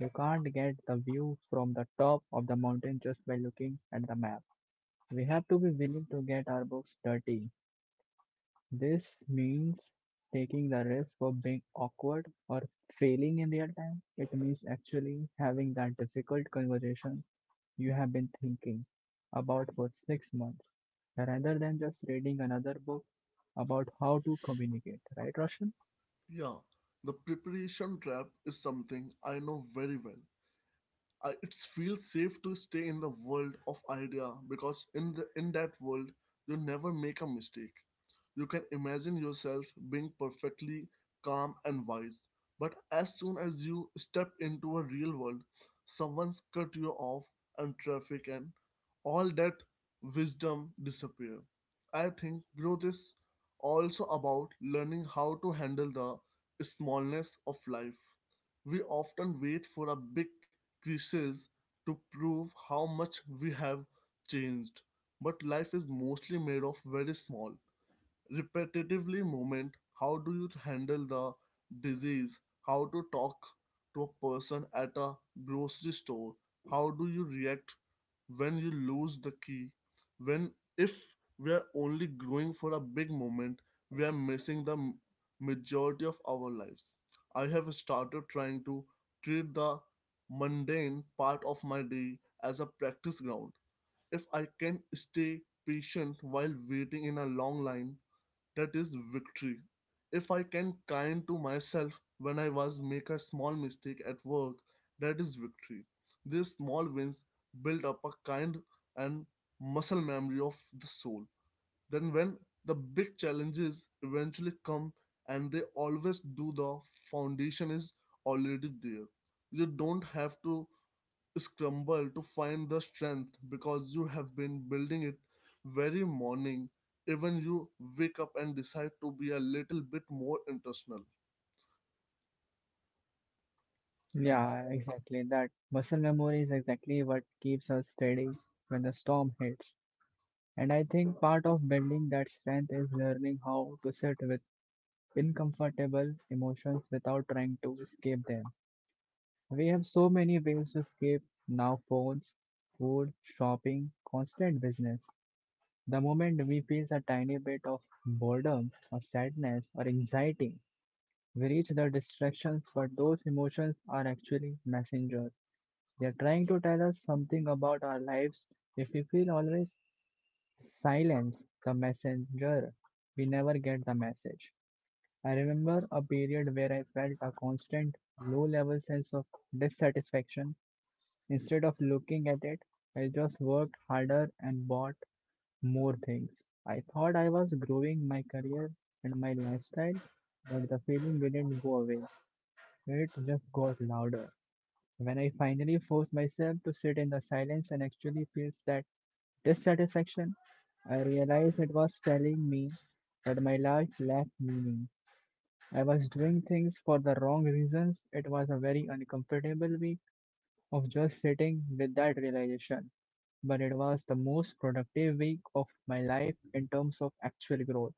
[SPEAKER 2] You can't get the view from the top of the mountain just by looking at the map. We have to be willing to get our books dirty. This means taking the risk of being awkward or failing in real time. It means actually having that difficult conversation you have been thinking about for six months rather than just reading another book about how to communicate, right, Roshan?
[SPEAKER 1] Yeah, the preparation trap is something I know very well. Uh, it feels safe to stay in the world of idea because in the in that world you never make a mistake. You can imagine yourself being perfectly calm and wise, but as soon as you step into a real world, someone's cut you off and traffic and all that wisdom disappear. I think growth is also about learning how to handle the smallness of life. We often wait for a big crisis to prove how much we have changed, but life is mostly made of very small, repetitively movement. How do you handle the disease, how to talk to a person at a grocery store, how do you react when you lose the key, when if we are only growing for a big moment we are missing the m- majority of our lives. I have started trying to treat the mundane part of my day as a practice ground. If I can stay patient while waiting in a long line, that is victory. If I can kind to myself when I was make a small mistake at work, that is victory. These small wins build up a kind and muscle memory of the soul. Then when the big challenges eventually come and they always do, the foundation is already there. You don't have to scramble to find the strength because you have been building it very morning, even you wake up and decide to be a little bit more intentional. yeah
[SPEAKER 2] Yeah, exactly. That muscle memory is exactly what keeps us steady when the storm hits. And I think part of building that strength is learning how to sit with uncomfortable emotions without trying to escape them. We have so many ways to escape now phones, food, shopping, constant business. The moment we feel a tiny bit of boredom or sadness or anxiety, we reach the distractions, but those emotions are actually messengers. They are trying to tell us something about our lives. If we feel always silence, the messenger, we never get the message. I remember a period where I felt a constant low level sense of dissatisfaction. Instead of looking at it, I just worked harder and bought more things. I thought I was growing my career and my lifestyle, but the feeling didn't go away. It just got louder. When I finally forced myself to sit in the silence and actually feel that dissatisfaction, I realized it was telling me that my life lacked meaning. I was doing things for the wrong reasons. It was a very uncomfortable week of just sitting with that realization, but it was the most productive week of my life in terms of actual growth.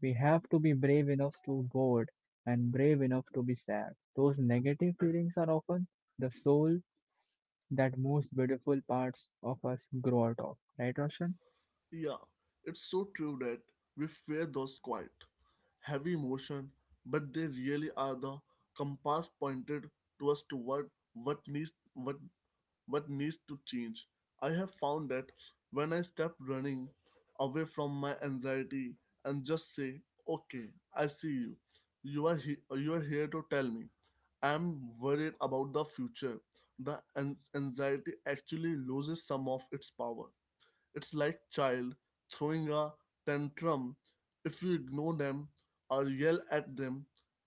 [SPEAKER 2] We have to be brave enough to be bored and brave enough to be sad. Those negative feelings are often the soul that most beautiful parts of us grow out of. Right, Roshan?
[SPEAKER 1] yeah it's so true that we fear those quiet heavy emotion, but they really are the compass pointed to us toward what needs what what needs to change. I have found that when I stop running away from my anxiety and just say, "Okay, I see you. You are he- you are here to tell me. I'm worried about the future." The an- anxiety actually loses some of its power. It's like child throwing a tantrum. If you ignore them or yell at them,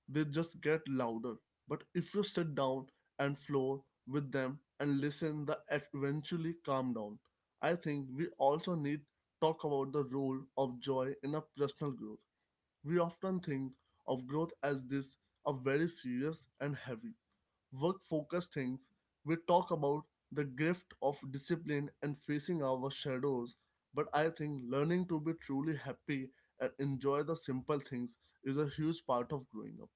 [SPEAKER 1] they just get louder. But if you sit down and floor with them and listen, they eventually calm down. I think we also need talk about the role of joy in a personal growth. We often think of growth as this a very serious and heavy work focused things, we talk about the gift of discipline and facing our shadows. But I think learning to be truly happy and enjoy the simple things is a huge part of growing up.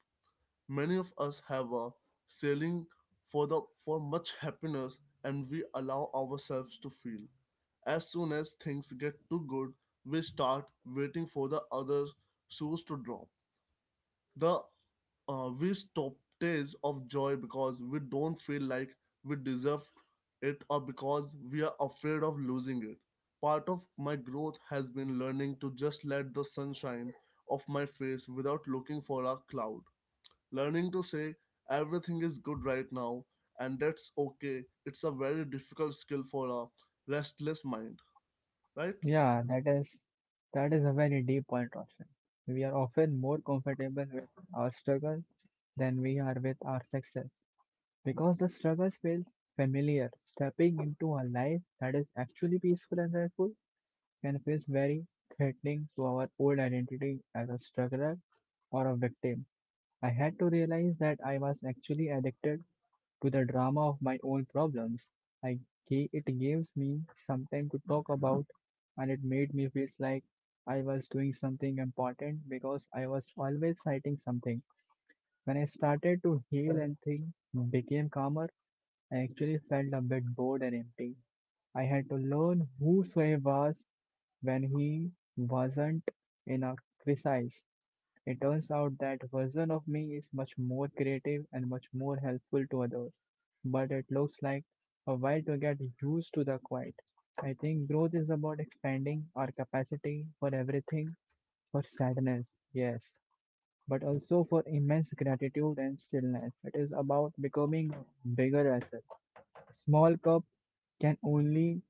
[SPEAKER 1] Many of us have a sailing for the for much happiness and we allow ourselves to feel. As soon as things get too good, we start waiting for the other shoes to drop. The uh, we stop days of joy because we don't feel like we deserve it or because we are afraid of losing it. Part of my growth has been learning to just let the sunshine off my face without looking for a cloud. Learning to say everything is good right now and that's okay. It's a very difficult skill for a restless mind, right?
[SPEAKER 2] Yeah, that is that is a very deep point, Roshan. We are often more comfortable with our struggle than we are with our success because the struggle feels familiar. Stepping into a life that is actually peaceful and joyful can feel very threatening to our old identity as a struggler or a victim. I had to realize that I was actually addicted to the drama of my own problems. I ga- it gives me some time to talk about, and it made me feel like I was doing something important because I was always fighting something. When I started to heal and things became calmer, I actually felt a bit bored and empty. I had to learn who Sway was when he wasn't in a crisis. It turns out that version of me is much more creative and much more helpful to others, but it looks like a while to get used to the quiet. I think growth is about expanding our capacity for everything, for sadness, yes, but also for immense gratitude and stillness. It is about becoming bigger vessel. A small cup can only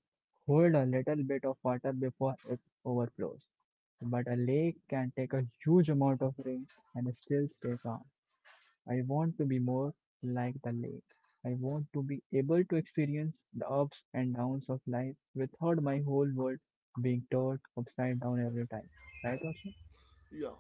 [SPEAKER 2] hold a little bit of water before it overflows. But a lake can take a huge amount of rain and still stay calm. I want to be more like the lake. I want to be able to experience the ups and downs of life without my whole world being turned upside down every time. Right, Roshan?
[SPEAKER 1] Yeah,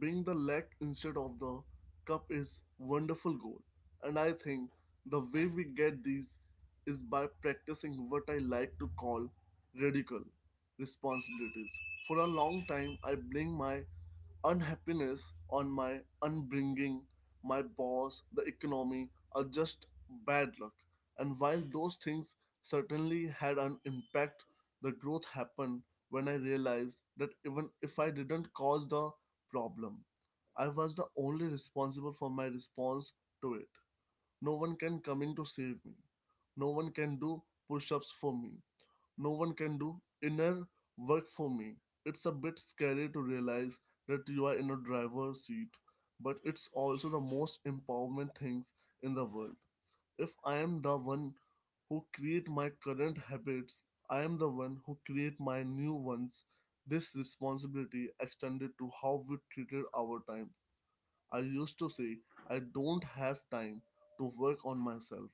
[SPEAKER 1] being the leg instead of the cup is wonderful goal. And I think the way we get these is by practicing what I like to call radical responsibilities. For a long time, I blame my unhappiness on my unbringing, my boss, the economy, or just bad luck. And while those things certainly had an impact, the growth happened when I realized that even if I didn't cause the problem, I was the only responsible for my response to it. No one can come in to save me. No one can do push-ups for me. No one can do inner work for me. It's a bit scary to realize that you are in a driver's seat, but it's also the most empowerment things in the world. If I am the one who create my current habits, I am the one who create my new ones. This responsibility extended to how we treated our time. I used to say I don't have time to work on myself.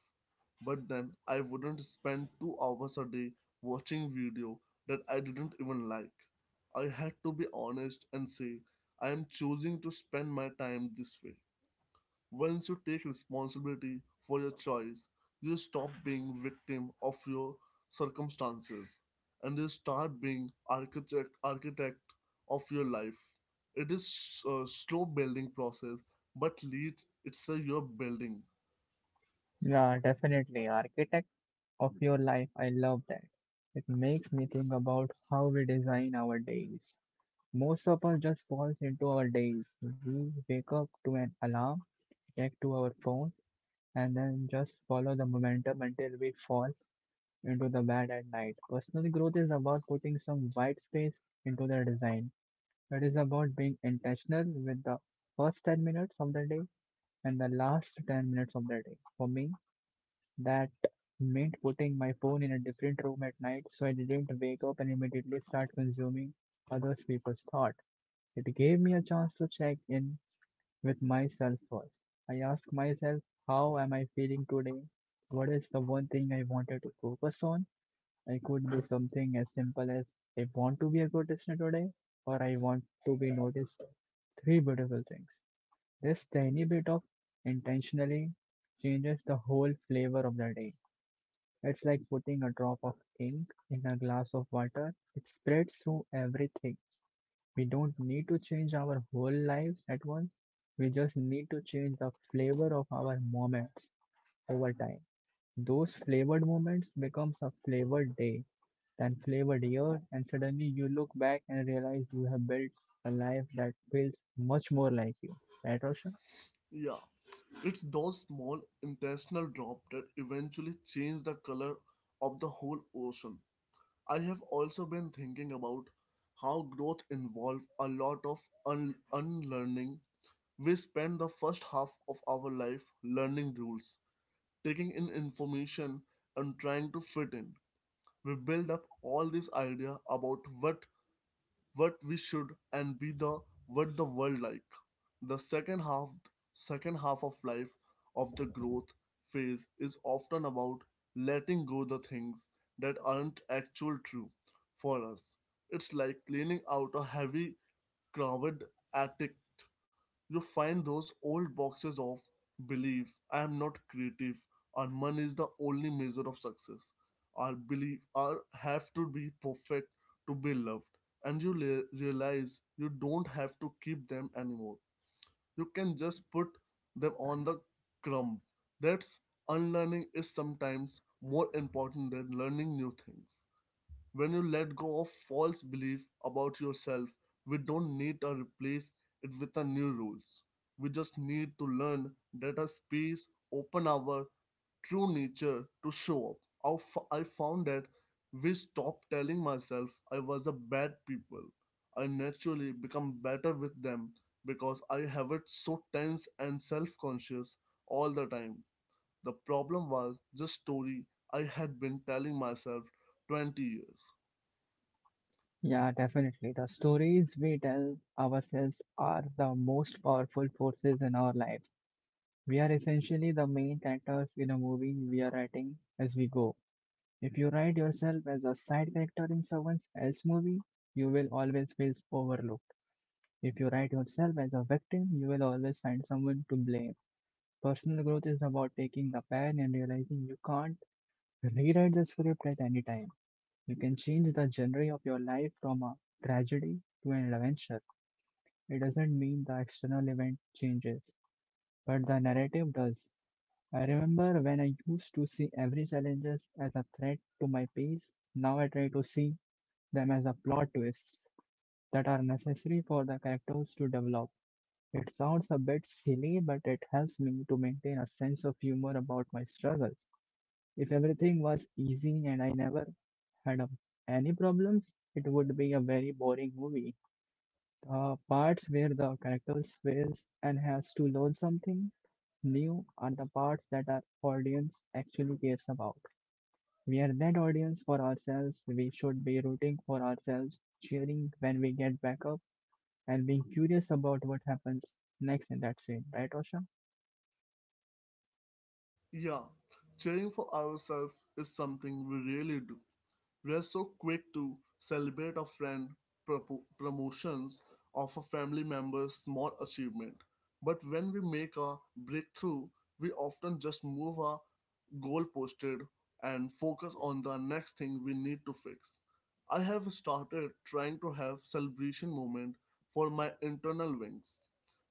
[SPEAKER 1] But then I wouldn't spend two hours a day watching video that I didn't even like. I had to be honest and say I am choosing to spend my time this way. Once you take responsibility for your choice, you stop being victim of your circumstances and you start being architect architect of your life. It is a slow building process, but leads it's a your building.
[SPEAKER 2] Yeah, definitely. Architect of your life, I love that. It makes me think about how we design our days. Most of us just falls into our days. We wake up to an alarm, check to our phone and then just follow the momentum until we fall into the bad at night. Personal growth is about putting some white space into the design. It is about being intentional with the first ten minutes of the day and the last ten minutes of the day. For me, that meant putting my phone in a different room at night so I didn't wake up and immediately start consuming other people's thought. It gave me a chance to check in with myself first. I ask myself, how am I feeling today? What is the one thing I wanted to focus on? It could be something as simple as I want to be a good listener today, or I want to be noticed. Three beautiful things. This tiny bit of intentionally changes the whole flavor of the day. It's like putting a drop of ink in a glass of water, it spreads through everything we don't need to change our whole lives at once. We just need to change the flavor of our moments over time. Those flavored moments becomes a flavored day, then flavored year, and suddenly you look back and realize you have built a life that feels much more like you. Right, Roshan?
[SPEAKER 1] Yeah, it's those small intentional drops that eventually change the color of the whole ocean. I have also been thinking about how growth involves a lot of un- unlearning. We spend the first half of our life learning rules, taking in information, and trying to fit in. We build up all this idea about what what we should and be the what the world like. The second half second half of life of the growth phase is often about letting go the things that aren't actual true for us. It's like cleaning out a heavy crowded attic, you find those old boxes of belief. I am not creative or money is the only measure of success or believe or have to be perfect to be loved and you le- realize you don't have to keep them anymore, you can just put
[SPEAKER 2] Yeah,
[SPEAKER 1] them on the
[SPEAKER 2] yeah,
[SPEAKER 1] crumb. That's unlearning is sometimes more important than learning new things. When you let go of false belief about yourself, we don't need to replace it with a new rules. We just need to learn that a space open our true nature to show up. I f- I found that we stopped telling myself I was a bad people. I naturally become better with them because I have it so tense and self-conscious all the time. The problem was just story I had been telling myself twenty years.
[SPEAKER 2] yeah, definitely. The stories we tell ourselves are the most powerful forces in our lives. We are essentially the main characters in a movie we are writing as we go. If you write yourself as a side character in someone else's movie, you will always feel overlooked. If you write yourself as a victim, you will always find someone to blame. Personal growth is about taking the pen and realizing you can't rewrite the script at any time. You can change the genre of your life from a tragedy to an adventure. It doesn't mean the external event changes, but the narrative does. I remember when I used to see every challenge as a threat to my peace. Now I try to see them as a plot twists that are necessary for the characters to develop. It sounds a bit silly, but it helps me to maintain a sense of humor about my struggles. If everything was easy and I never had a, any problems, it would be a very boring movie. The parts where the characters fails and has to learn something new are the parts that our audience actually cares about. We are that audience for ourselves. We should be rooting for ourselves, cheering when we get back up and being curious about what happens next in that scene, right, Osha?
[SPEAKER 1] Yeah, cheering for ourselves is something we really do. We are so quick to celebrate a friend, propo- promotions of a family member's small achievement. But when we make a breakthrough, we often just move our goal posted, and focus on the next thing we need to fix. I have started trying to have celebration moment for my internal wings.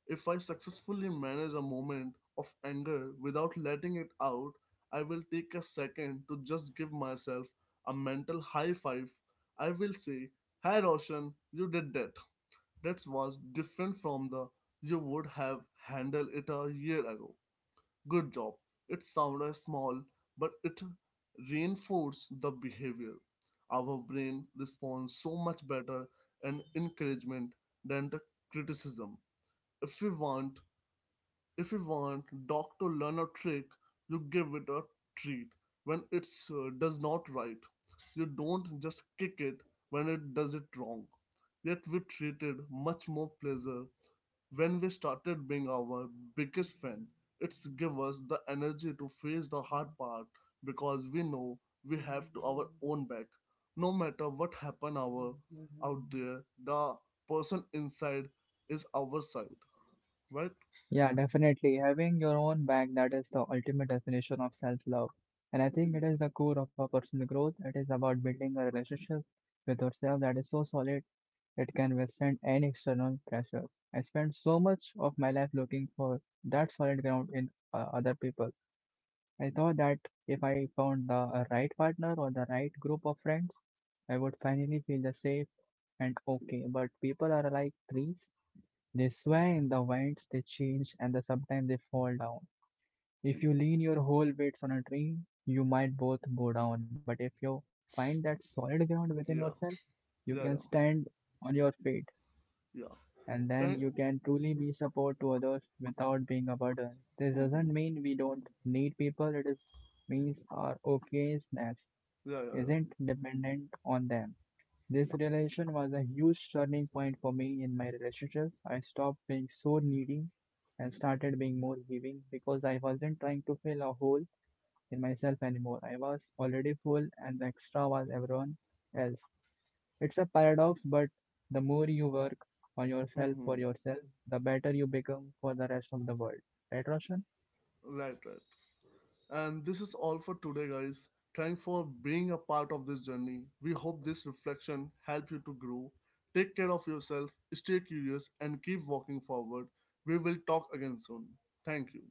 [SPEAKER 1] If I successfully manage a moment of anger without letting it out, I will take a second to just give myself a mental high five. I will say, "Hi Roshan, you did that. That was different from the you would have handled it a year ago. Good job." It sounded small, but it reinforced the behavior. Our brain responds so much better and encouragement than the criticism. If we want if you want dog to learn a trick, you give it a treat when it uh, does not right. You don't just kick it when it does it wrong. Yet we treated much more pleasure when we started being our biggest fan. It's give us the energy to face the hard part because we know we have to our own back. No matter what happen our out there, the person inside is our side, right?
[SPEAKER 2] Yeah, definitely. Having your own back, that is the ultimate definition of self love. And I think it is the core of our personal growth. It is about building a relationship with yourself that is so solid it can withstand any external pressures. I spent so much of my life looking for that solid ground in uh, other people. I thought that if I found the uh, right partner or the right group of friends, I would finally feel the safe and okay, but people are like trees. They sway in the winds, they change, and the, sometimes they fall down. If you lean your whole weights on a tree, you might both go down. But if you find that solid ground within yourself,
[SPEAKER 1] Yeah,
[SPEAKER 2] you can
[SPEAKER 1] yeah, yeah.
[SPEAKER 2] stand on your feet,
[SPEAKER 1] Yeah.
[SPEAKER 2] and then
[SPEAKER 1] Thank.
[SPEAKER 2] you can truly be support to others without being a burden. This doesn't
[SPEAKER 1] Mm-hmm.
[SPEAKER 2] mean we don't need people. It is means our okay snacks
[SPEAKER 1] Yeah, yeah, yeah.
[SPEAKER 2] isn't dependent on them. This realization was a huge turning point for me in my relationships. I stopped being so needy and started being more giving because I wasn't trying to fill a hole in myself anymore. I was already full and the extra was everyone else. It's a paradox, but the more you work on yourself for
[SPEAKER 1] Mm-hmm.
[SPEAKER 2] yourself, the better you become for the rest of the world. Right, Roshan?
[SPEAKER 1] Right, right. And this is all for today, guys. Thanks for being a part of this journey. We hope this reflection helped you to grow. Take care of yourself, stay curious, and keep walking forward. We will talk again soon. Thank you.